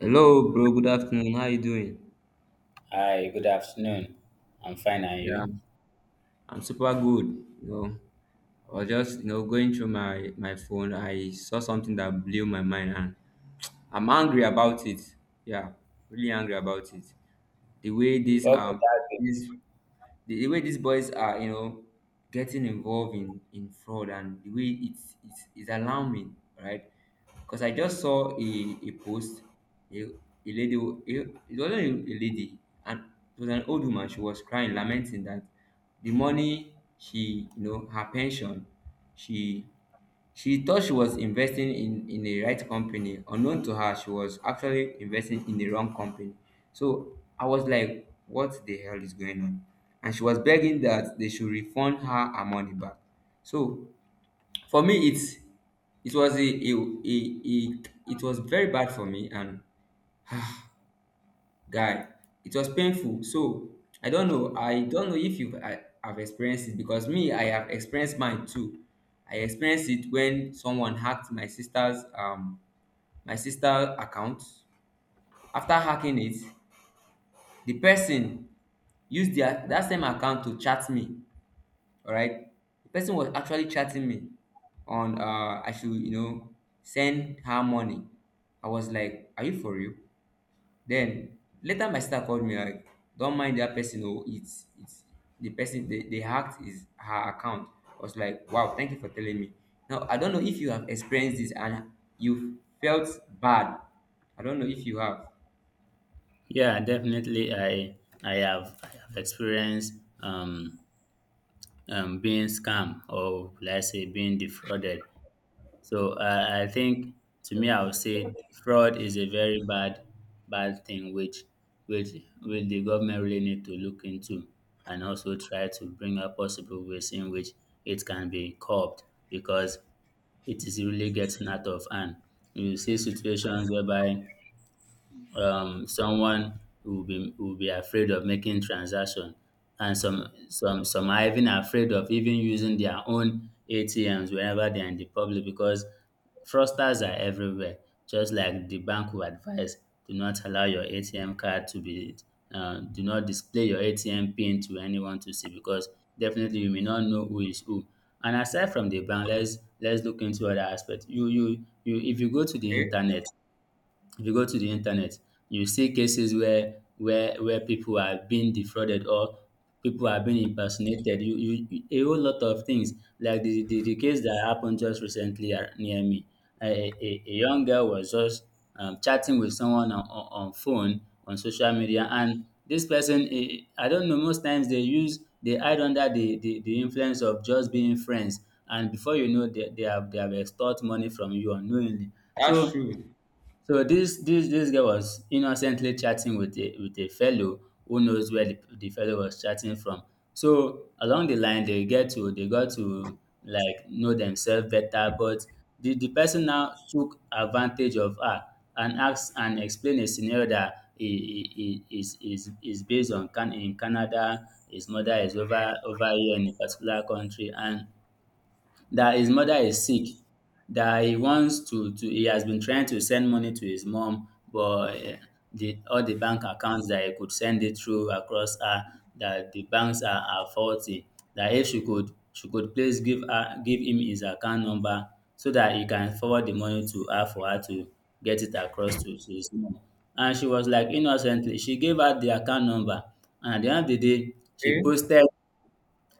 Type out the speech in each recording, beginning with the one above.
Hello, bro. Good afternoon. How you doing? Hi, good afternoon. I'm fine, and Yeah, you? I'm super good. I was just going through my phone. I saw something that blew my mind, and I'm angry about it. Yeah, really angry about it. The way these What could um that be? these the way these boys are getting involved in fraud, and the way it's alarming, right? Because I just saw a post, a lady, who- a, it wasn't a lady, and it was an old woman. She was crying, lamenting that the money she, her pension, she she thought she was investing in the right company. Unknown to her, she was actually investing in the wrong company. So I was like, what the hell is going on? And she was begging that they should refund her money back. So for me it was a it was very bad for me, and guy, it was painful. So I don't know if you have experienced it, because me, I have experienced mine too. I experienced it when someone hacked my sister account. After hacking it, the person used their that same account to chat me. All right, the person was actually chatting me on I should, send her money. I was like, are you for real? Then later my sister called me like, don't mind that person. Oh, it's the person they hacked is her account. I was like, wow, thank you for telling me. Now I don't know if you have experienced this and you felt bad. I don't know if you have. Yeah, definitely. I have experienced um, being scammed, or let's say being defrauded. So I think to me, I would say fraud is a very bad, bad thing, which, which, which the government really need to look into, and also try to bring up possible ways in which it can be curbed, because it is really getting out of hand. You see situations whereby someone will be afraid of making transaction, and some are even afraid of even using their own ATMs whenever they are in the public, because fraudsters are everywhere. Just like the bank will advise, do not allow your ATM card to be, do not display your ATM pin to anyone to see, because definitely you may not know who is who. And aside from the bank, let's look into other aspects. You if you go to the Okay. internet, if you go to the internet, you see cases where where people are being defrauded, or people are being impersonated. You a whole lot of things, like the case that happened just recently near me. A young girl was just chatting with someone on, on phone, on social media, and this person, I don't know. Most times they use, they hide under the influence of just being friends, and before you know, they have they have extort money from you unknowingly. That's So true. this girl was innocently chatting with a fellow, who knows where the fellow was chatting from. So along the line they got to like know themselves better, but the person now took advantage of her and asked and explained a scenario that he is is based on can in Canada, his mother is over here in a particular country, and that his mother is sick, that he wants to, he has been trying to send money to his mom, but the, all the bank accounts that he could send it through across her, that the banks are faulty, that if she could, she could please give her, give him his account number, so that he can forward the money to her, for her to get it across to his mom. And she was like, innocently, she gave her the account number, and at the end of the day, she Okay. posted,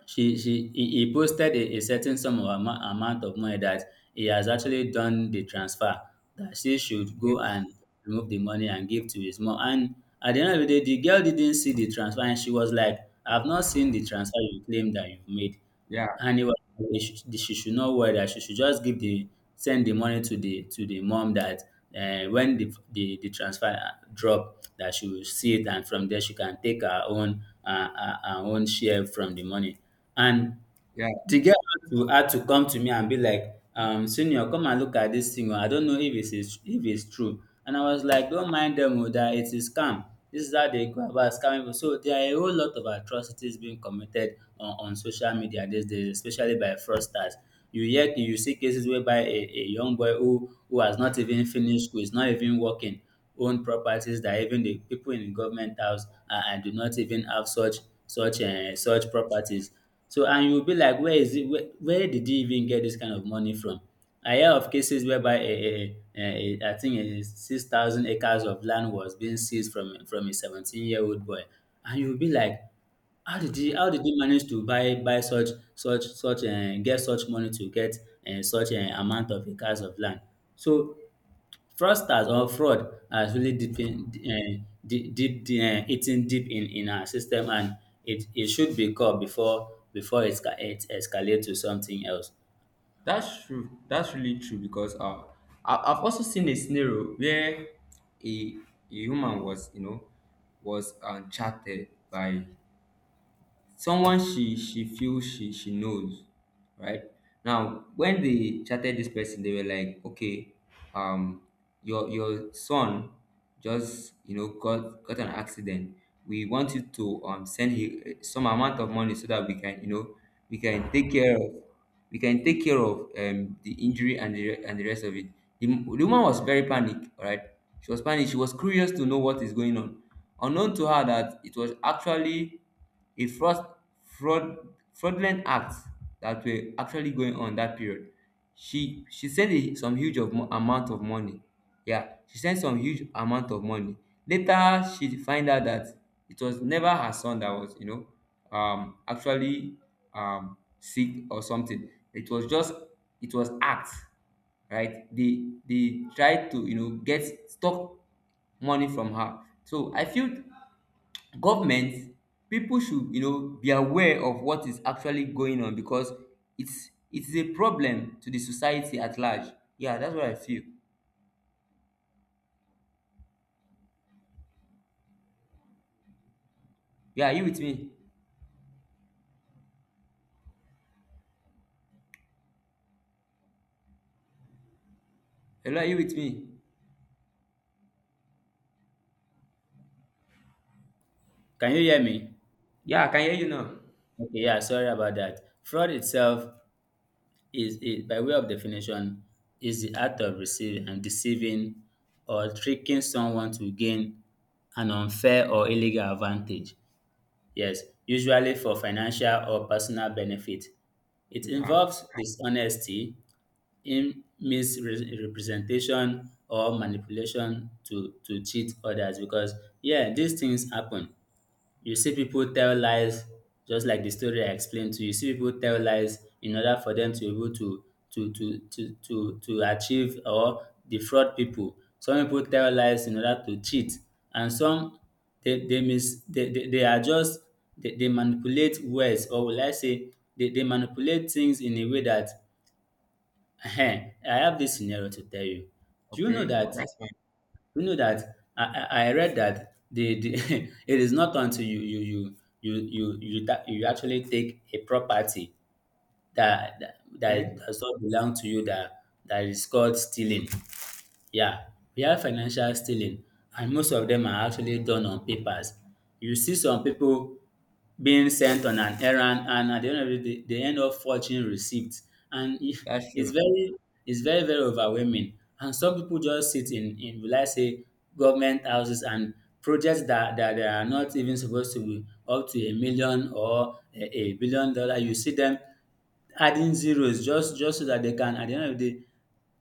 he posted a certain sum of amount, amount of money, that he has actually done the transfer, that she should go Okay. and remove the money and give to his mom. And at the end of the day, the girl didn't see the transfer and she was like, I've not seen the transfer you claim that you've made. Yeah. And he was like, she should not worry, that she should just give the send the money to the, to the mom, that when the the transfer drop, that she will see it, and from there she can take her own, her, her own share from the money. And Yeah. the girl had to come to me and be like, senior, come and look at this thing. Oh, I don't know if if it's true. And I was like, don't mind them, oh, that it is scam. This is how they go about scamming people. So there are a whole lot of atrocities being committed on social media these days, especially by fraudsters. You hear, you see cases whereby a young boy who has not even finished school, is not even working, own properties that even the people in the government house, do not even have such, such properties. So and you be like, where is it, where did he even get this kind of money from? I hear of cases whereby a I think a 6,000 acres of land was being seized from a 17 year old boy, and you be like, how did he manage to buy such, get such money to get, such, amount of acres of land? So fraudsters or fraud has really deepened, eaten deep in our system, and it should be caught before, it escalates to something else. That's true. That's really true. Because I've also seen a scenario where a, a human was, chatted by someone she feels she knows, right? Now when they chatted this person, they were like, okay, um your son just, got an accident. We want you to, send him some amount of money so that we can, you know we can take care of we can take care of the injury and the rest of it. The woman was very panicked, all right? She was panicked, she was curious to know what is going on, unknown to her that it was actually a fraud fraudulent acts that were actually going on that period. She sent some huge amount of money. Yeah, she sent some huge amount of money. Later, she find out that it was never her son that was, actually sick or something. It was just, it was acts, right? They tried to, get stock money from her. So I feel government people should, be aware of what is actually going on, because it's a problem to the society at large. Yeah, that's what I feel. Yeah, are you with me? Hello, are you with me? Can you hear me? Yeah, I can hear you now. Okay, yeah, sorry about that. Fraud itself is, by way of definition, is the act of receiving and deceiving, or tricking someone to gain an unfair or illegal advantage. Yes, usually for financial or personal benefit. It Yeah. involves dishonesty, in misrepresentation, or manipulation to cheat others, because yeah, these things happen. You see people tell lies, just like the story I explained to you. You see people tell lies in order for them to be able to achieve or defraud people. Some people tell lies in order to cheat, and some, they are just, they manipulate words, or will I say, they manipulate things in a way that, ehen, I have this scenario to tell you. Do you know Okay, that? that's fine. Do you know that? I read that the it is not until you, you actually take a property that that that Okay. does not belong to you, that that is called stealing. Yeah, we have financial stealing, and most of them are actually done on papers. You see some people being sent on an errand, and at the end of the day they end up forging receipts and That's it's true. very, very overwhelming. And some people just sit in, will I say, government houses, and projects that, that they are not even supposed to be up to a million, or a billion dollar, you see them adding zeros just so that they can at the end of the day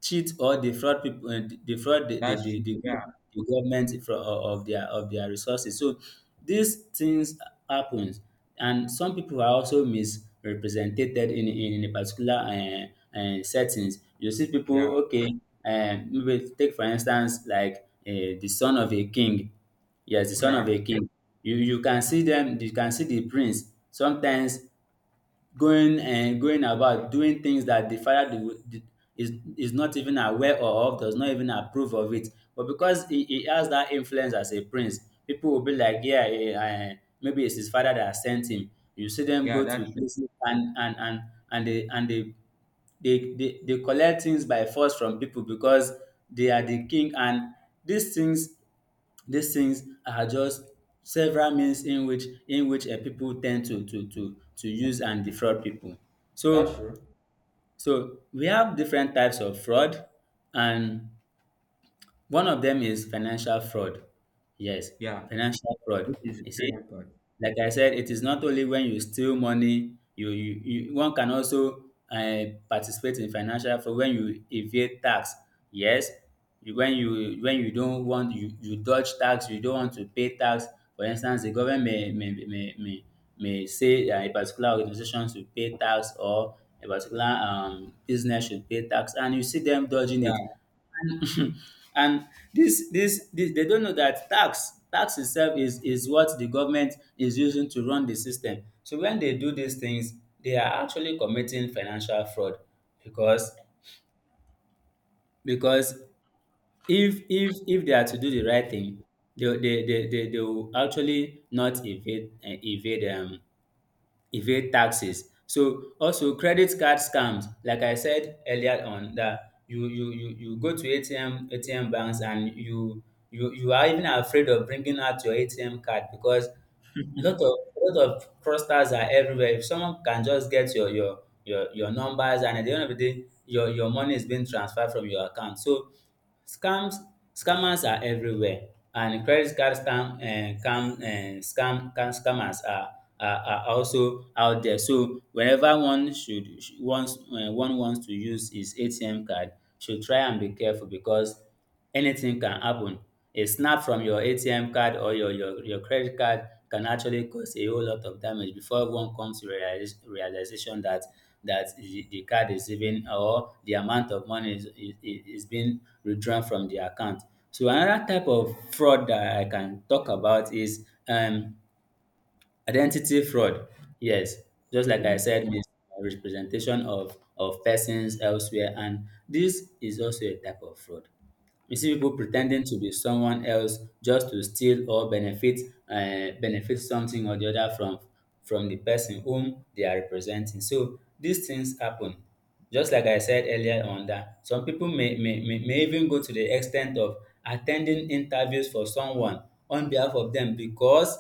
cheat or defraud people, defraud the the, That's the, true. the, Yeah. the government for, of their, of their resources. So these things happens, and some people are also misrepresented in a particular settings. You see people, okay, maybe take for instance like, the son of a king. Yes, the son of a king. You can see them, you can see the prince sometimes going, and going about doing things that the father, is is not even aware of, does not even approve of it. But because he has that influence as a prince, people will be like, yeah, maybe it's his father that sent him. You see them Yeah, go to that's true. places, and and they they collect things by force from people, because they are the king. And these things, these things are just several means in which, people tend to use and defraud people. That's So true. so we have different types of fraud, and one of them is financial fraud. Yes, Yeah, financial fraud. which is You very see, important. like I said, it is not only when you steal money, you, you one can also participate in financial fraud when you evade tax. Yes, when you, when you don't want, you dodge tax, you don't want to pay tax. For instance, the government may say a particular organization should pay tax, or a particular, business should pay tax, and you see them dodging Yeah. it, and and this they don't know that tax itself is what the government is using to run the system, so when they do these things they are actually committing financial fraud, because, because if if they are to do the right thing, they will actually not evade, evade taxes. So also credit card scams, like I said earlier on, that you go to ATM, banks, and you are even afraid of bringing out your ATM card, because lot of fraudsters are everywhere. If someone can just get your, your numbers, and at the end of the day, your money is being transferred from your account. So scams, scammers are everywhere, and credit card scam, scammers are, are also out there. So whenever one should wants, one wants to use his ATM card, should try and be careful because anything can happen. A snap from your ATM card or your credit card can actually cause a whole lot of damage before everyone comes to realization that the card is even or the amount of money is being withdrawn from the account. So another type of fraud that I can talk about is identity fraud, yes, just like I said, means representation of persons elsewhere, and this is also a type of fraud. You see people pretending to be someone else just to steal or benefit something or the other from the person whom they are representing. So these things happen. Just like I said earlier on that some people may even go to the extent of attending interviews for someone on behalf of them because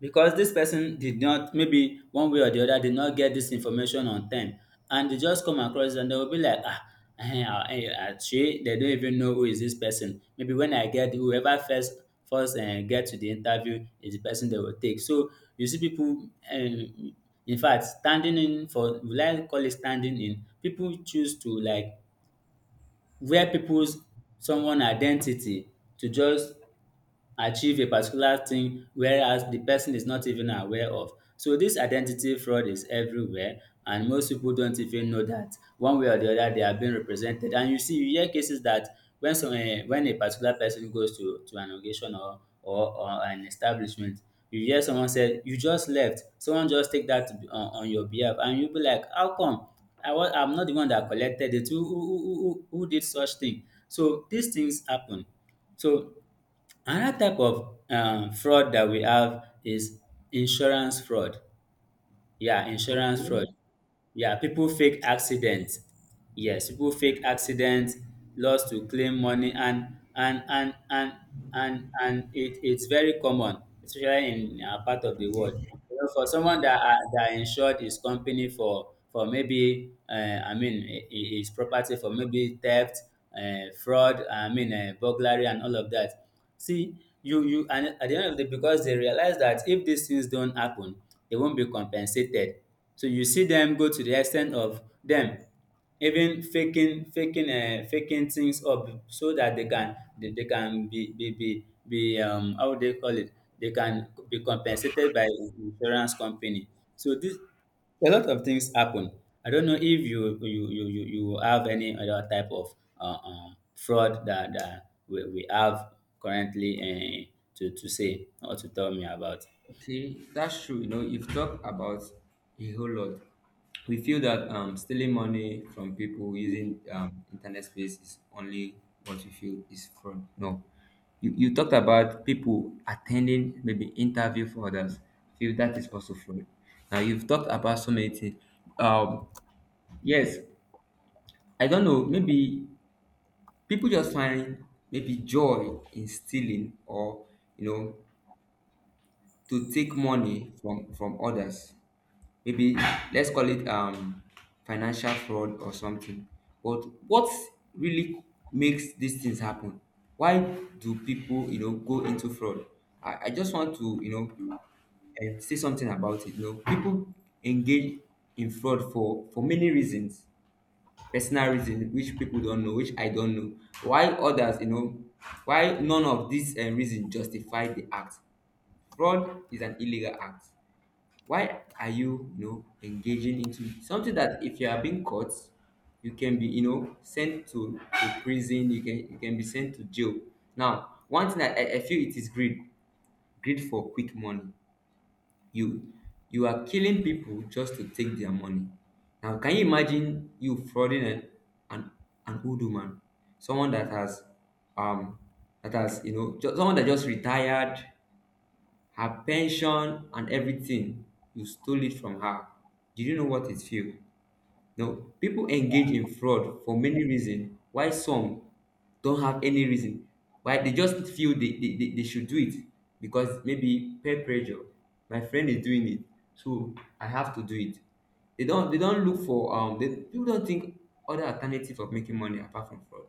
because this person did not, maybe one way or the other, did not get this information on time, and they just come across and they will be like, ah, shey, they don't even know who is this person. Maybe when I get whoever first get to the interview is the person they will take. So you see people, in fact, standing in for, will I call it, standing in. People choose to like wear people's, someone, identity to just achieve a particular thing whereas the person is not even aware of. So this identity fraud is everywhere, and most people don't even know that one way or the other they are being represented. And you see, you hear cases that when when a particular person goes to an occasion or an establishment, you hear someone say, you just left, someone just take that on your behalf, and you be like, how come? I'm not the one that collected it. Who did such thing? So these things happen. So another type of fraud that we have is insurance fraud. Yeah, insurance fraud. Okay. Yeah, people fake accidents. Yes, people fake accidents, loss, to claim money, and it's very common, especially in our part of the world. You know, for someone that are, that insured his company for maybe his property for maybe theft, fraud, burglary, and all of that. See, you and at the end of the day, because they realize that if these things don't happen, they won't be compensated. So you see them go to the extent of them even faking things up so that they can be, how would they call it, they can be compensated by the insurance company. So this, a lot of things happen. I don't know if you have any other type of fraud that we have currently, to say or to tell me about. Okay, that's true. You know, you've talked about a whole lot. We feel that, stealing money from people using, internet space is only what we feel is fraud. No, you talked about people attending maybe interview for others. I feel that is also fraud. Now you've talked about so many things. Um, yes, I don't know. Maybe people just find maybe joy in stealing, or, you know to take money from others. Maybe let's call it, financial fraud or something. But what really makes these things happen? Why do people, go into fraud? I just want to, say something about it. You know, people engage in fraud for many reasons. Personal reasons, which people don't know, which I don't know. Why others, why none of these reasons justify the act. Fraud is an illegal act. Why are you, you know engaging into something that if you are being caught, you can be, sent to prison, you can, be sent to jail. Now one thing that, I feel, it is greed. Greed for quick money. You you are killing people just to take their money. Now can you imagine, you frauding an, an old woman, someone that has, um someone that just retired, her pension and everything, you stole it from her. Did you know what it feels? No, people engage in fraud for many reasons. Why some don't have any reason? Why they just feel they should do it, because maybe peer pressure. My friend is doing it, so I have to do it. They don't look for, they people don't think other alternative of making money apart from fraud.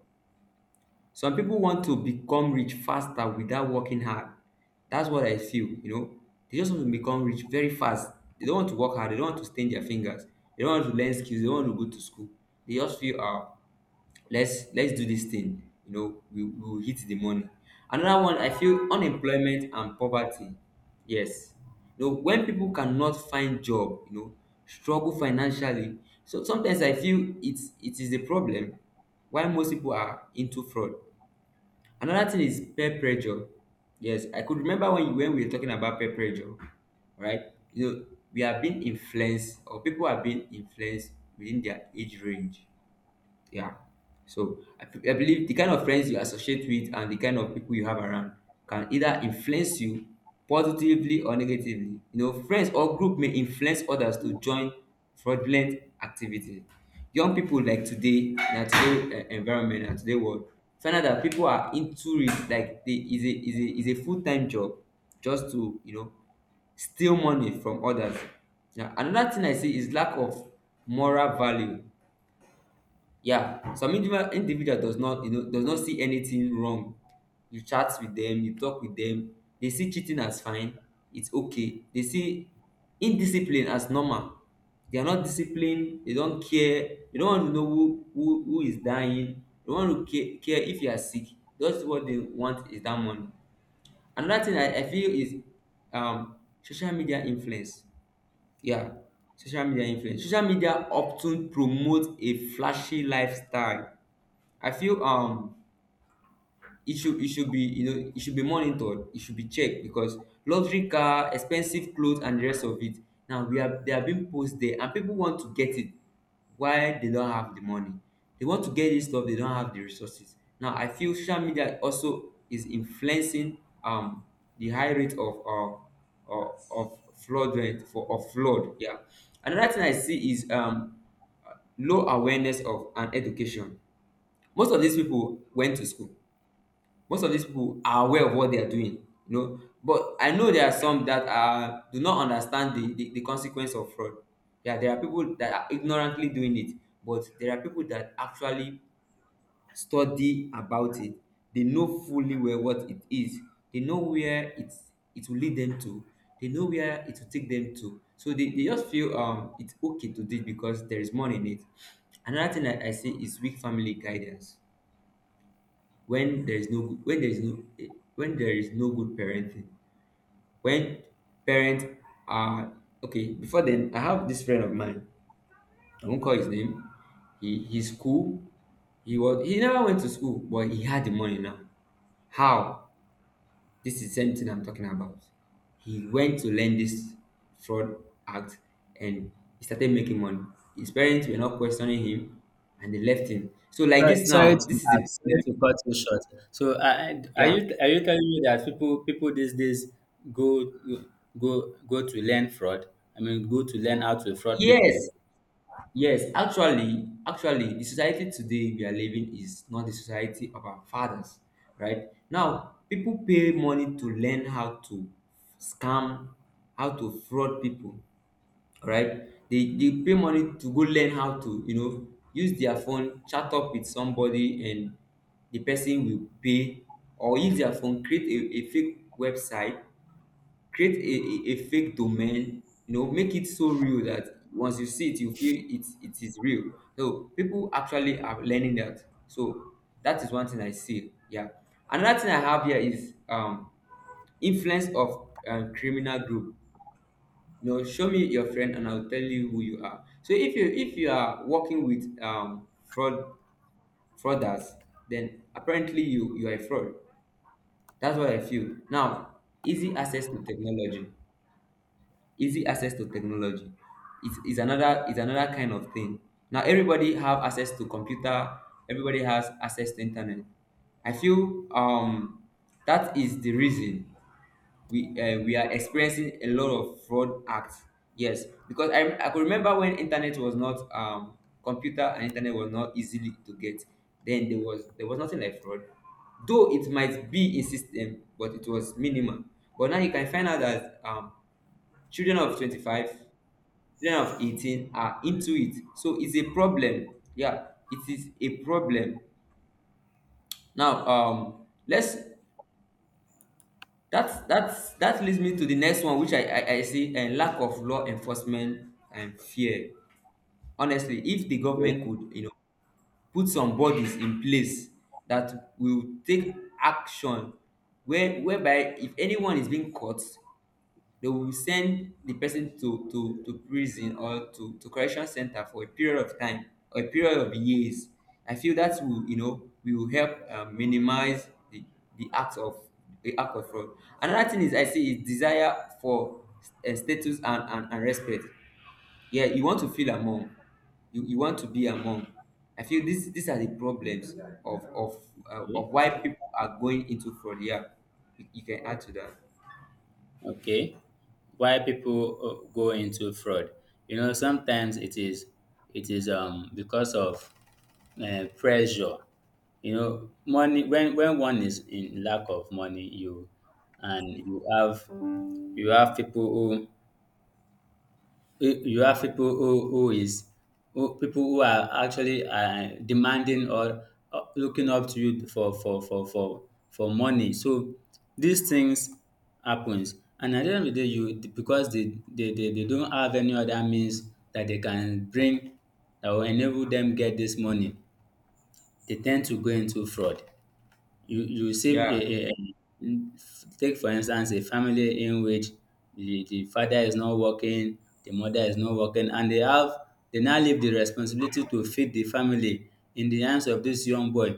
Some people want to become rich faster without working hard. That's what I feel. They just want to become rich very fast. They don't want to work hard. They don't want to stain their fingers. They don't want to learn skills. They don't want to go to school. They just feel, let's, do this thing. We will hit the money. Another one, I feel, unemployment and poverty. Yes, you know, when people cannot find job, struggle financially. So sometimes I feel it is a problem. Why most people are into fraud. Another thing is peer pressure. Yes, I could remember when you when we were talking about peer pressure, right? We are being influenced, or people are being influenced within their age range. Yeah, so I believe the kind of friends you associate with and the kind of people you have around can either influence you positively or negatively. You know, friends or group may influence others to join fraudulent activity. Young people, like today na today, environment, na today world, find out that people are into it like, they, is a full-time job, just to, steal money from others. Now, another thing I see is lack of moral value. Yeah, some individual does not, does not see anything wrong. You chat with them, you talk with them. They see cheating as fine. It's okay. They see indiscipline as normal. They are not disciplined. They don't care. They don't want to know who is dying. They don't want to care if you are sick. That's what they want is that money. Another thing I feel is, um social media influence. Yeah, social media influence. Social media often promote a flashy lifestyle. I feel, it should, it should be you know it should be monitored, it should be checked. Because luxury car, expensive clothes and the rest of it, now we are they are being posed there, and people want to get it while they don't have the money. They want to get this stuff, they don't have the resources. Now I feel social media also is influencing, um the high rate of, of flood rate, for of flood. Yeah, another thing I see is, low awareness of and education. Most of these people went to school. Most of these people are aware of what they are doing. You know, but I know there are some that are do not understand the consequence of fraud. Yeah, there are people that are ignorantly doing it, but there are people that actually study about it. They know fully well what it is. They know where it will lead them to. They know where it will take them to. So they just feel, it's okay to do it, because there is money in it. Another thing that I see is weak family guidance. When there is no good, when there is no, when there is no good parenting. When parents are, okay, before then, I have this friend of mine, I won't call his name. He, he's cool. He was, he never went to school, but he had the money. Now how? This is the same thing I'm talking about. He went to learn this fraud act, and he started making money. His parents were not questioning him, and they left him. So like Right, this sorry now, to this is the ask, sorry problem. to cut you short. So, are Yeah. you telling me that people these days go go to learn fraud? I mean, go to learn how to fraud people. Yes. Yes, actually, the society today we are living is not the society of our fathers, right? Now, people pay money to learn how to scam, how to fraud people, right? They pay money to go learn how to, you know, use their phone, chat up with somebody, and the person will pay, or use their phone, create a fake website, create a fake domain, you know, make it so real that once you see it you feel it it is real. So people actually are learning that. So that is one thing I see, yeah. Another thing I have here is influence of criminal group. You know, show me your friend and I'll tell you who you are. So if you are working with fraud, frauders, then apparently you are a fraud. That's what I feel. Now, easy access to technology, easy access to technology is another, is another kind of thing. Now everybody have access to computer, everybody has access to internet. I feel that is the reason we are experiencing a lot of fraud acts. Yes, because I could remember when internet was not computer and internet was not easily to get, then there was nothing like fraud. Though it might be in system, but it was minimal. But now you can find out that children of 25, children of 18 are into it. So it's a problem, yeah, it is a problem. Now let's that leads me to the next one, which I see, and lack of law enforcement and fear. Honestly, if the government could, you know, put some bodies in place that will take action, where whereby if anyone is being caught, they will send the person to to prison or to correction center for a period of time or a period of years. I feel that will, you know, will help minimize the act of, the act of fraud. Another thing is I say is desire for status and respect. Yeah, you want to feel among, you want to be among. I feel this these are the problems of Okay. of why people are going into fraud, yeah. You can add to that. Okay, why people go into fraud. You know, sometimes it is because of pressure. You know, money, when one is in lack of money, you, and you have, you have people you you have people people who are actually demanding or looking up to you for for money. So these things happens, and at the end of the day, you, because they don't have any other means that they can bring that will enable them get this money, they tend to go into fraud. You save Yeah, a um Take for instance a family in which the father is not working, the mother is not working, and they have, they now leave the responsibility to feed the family in the hands of this young boy.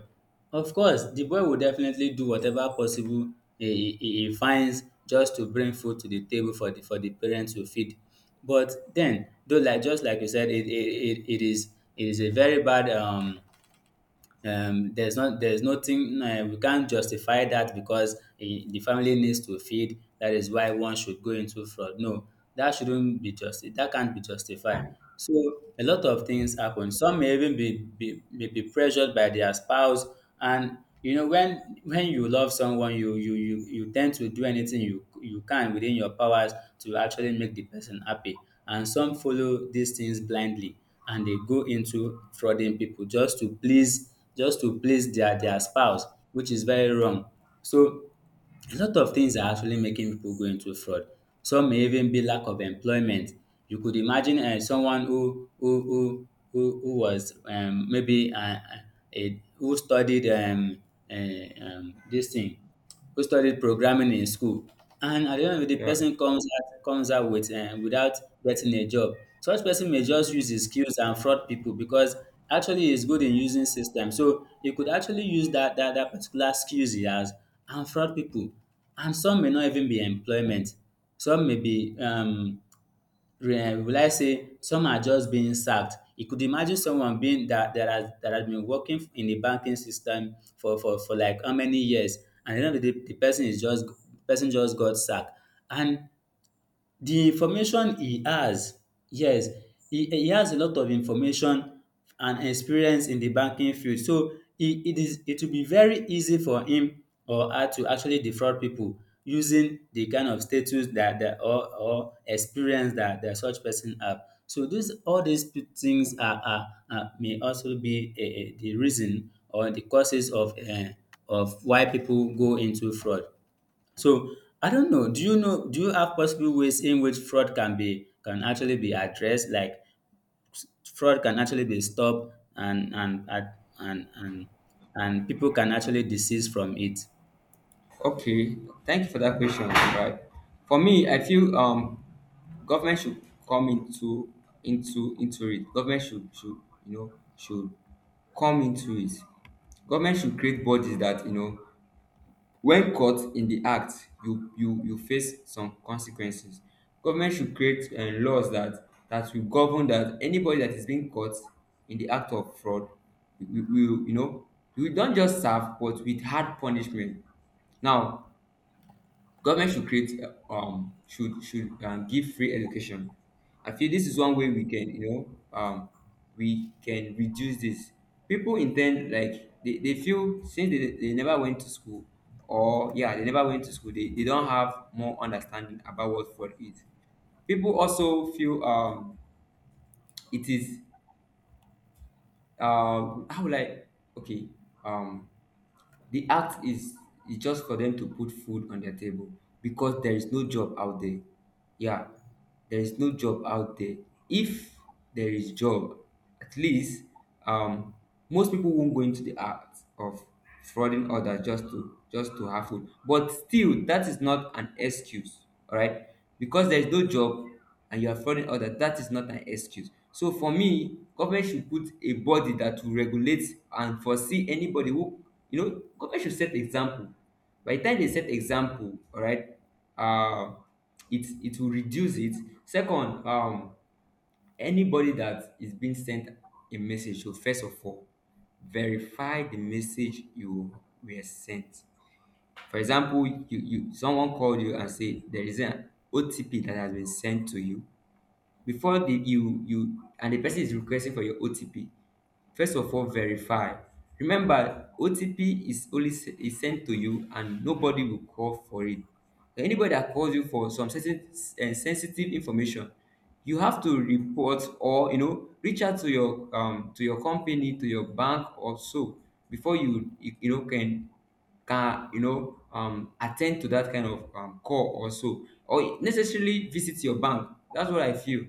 Of course the boy will definitely do whatever possible he finds just to bring food to the table for the parents to feed. But then, though, like just like you said, it is a very bad there's nothing, we can't justify that because, eh, the family needs to feed, that is why one should go into fraud, no, that shouldn't be, just, that can't be justified. So a lot of things happen. Some may even be may be pressured by their spouse, and you know, when you love someone, you tend to do anything you can within your powers to actually make the person happy. And some follow these things blindly and they go into frauding people just to please, their spouse, which is very wrong. So a lot of things are actually making people go into fraud. Some may even be lack of employment. You could imagine someone who was maybe a who studied dis thing who studied programming in school, and at the end of the day, yeah. person comes out with, without getting a job. Such person may just use his skills and fraud people because actually he's good in using system, so he could actually use that particular skills he has and fraud people. And some may not even be employment. Some may be, will I say, some are just being sacked. You could imagine someone being that has been working in the banking system for like how many years, and then the person is just the person just got sacked, and the information he has, yes, he has a lot of information and experience in the banking field. So it will be very easy for him or her to actually defraud people using the kind of status that that or experience that such person have. So these all these p- things are, may also be, the reason or the causes of, of why people go into fraud. So I don't know. Do you know? Do you have possible ways in which fraud can actually be addressed? Like fraud can actually be stopped, and and and, and people can actually desist from it. Okay, thank you for that question. Right, for me, I feel government should come into it. Government should you know should come into it. Government should create bodies that, you know, when caught in the act, you face some consequences. Government should create laws that will govern that anybody that is being caught in the act of fraud, we will, you know, we don't just serve, but with hard punishment. Now government should create should give free education. I feel this is one way we can, you know, um we can reduce this. People intend, like they feel since they never went to school, or yeah, they never went to school, they don't have more understanding about what fraud is. People also feel it is how will I, okay, um the act is just for them to put food on their table because there is no job out there. Yeah, there is no job out there. If there is job, at least um, most people won't go into the act of frauding others just to have food. But still, that is not an excuse, all right? Because there is no job, and you are frauding others, that is not an excuse. So for me, government should put a body that will regulate and foresee anybody who, you know, government should set example. By the time they set example, all right, uh, it will reduce it. Second, anybody that is being sent a message should first of all verify the message you were sent. For example, you someone called you and say there is an OTP that has been sent to you before the, you and the person is requesting for your OTP, first of all verify. Remember, OTP is is sent to you, and nobody will call for it. Anybody that calls you for some sensitive and sensitive information, you have to report or, you know, reach out to your company, to your bank or so, before you know can you know attend to that kind of call or so, or necessarily visit your bank. That's what I feel.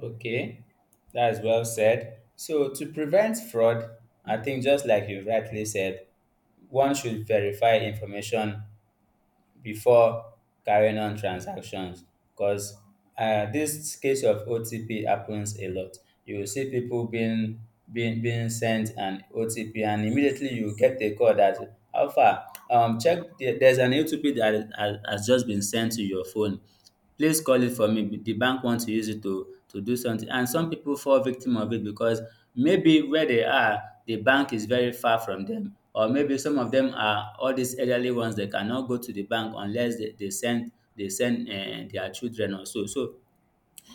Okay, that's well said. So to prevent fraud, I think, just like you rightly said, one should verify information before carrying on transactions, because this case of OTP happens a lot. You will see people being sent an OTP, and immediately you get a call that, how far, um, check the, there's an OTP that has just been sent to your phone. Please call it for me. The bank wants to use it to do something. And some people fall victim of it because maybe where they are, the bank is very far from them. Or maybe some of them are all these elderly ones, they cannot go to the bank unless they send, they send their children or so. So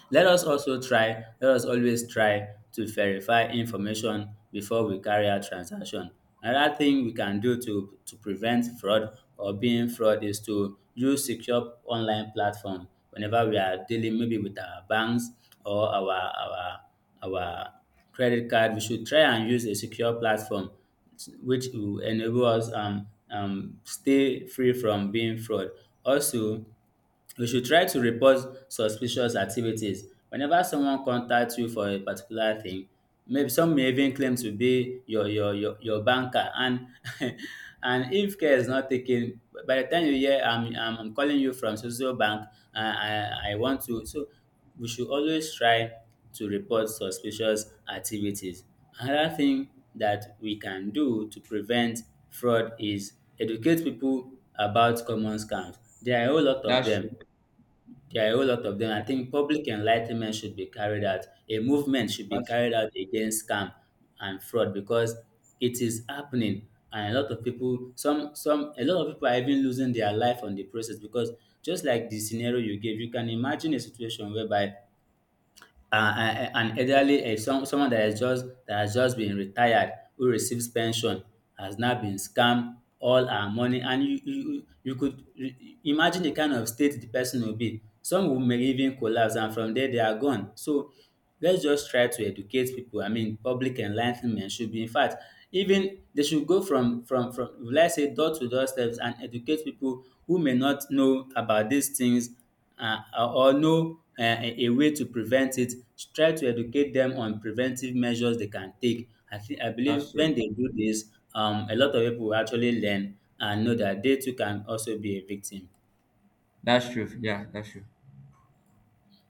let us also try, let us always try to verify information before we carry out transaction. Another thing we can do to prevent fraud or being fraud is to use secure online platform whenever we are dealing, maybe with our banks, or our credit card. We should try and use a secure platform which will enable us stay free from being fraud. Also, you should try to report suspicious activities. Whenever someone contacts you for a particular thing, maybe some may even claim to be your banker and and if care is not taken, by the time you hear, I'm calling you from social bank, I want to, so we should always try to report suspicious activities. Another thing that we can do to prevent fraud is educate people about common scams. There are a whole lot of That's them. true. There are a whole lot of them. I Yeah, think public enlightenment should be carried out. A movement should be that's carried true. out against scam and fraud because it is happening, and a lot of people, a lot of people are even losing their life on the process because, just like the scenario you gave, you can imagine a situation whereby, an elderly, someone that has just been retired, who receives pension, has now been scammed all our money, and you could re- imagine the kind of state the person will be. Some will may even collapse, and from there they are gone. So let's just try to educate people. I mean, public enlightenment should be, in fact, even they should go from let's say door to door steps, and educate people who may not know about these things or know a way to prevent it, try to educate them on preventive measures they can take. I think, I believe That's when true. they do this, a lot of people will actually learn and know that they too can also be a victim. That's true. Yeah, that's true.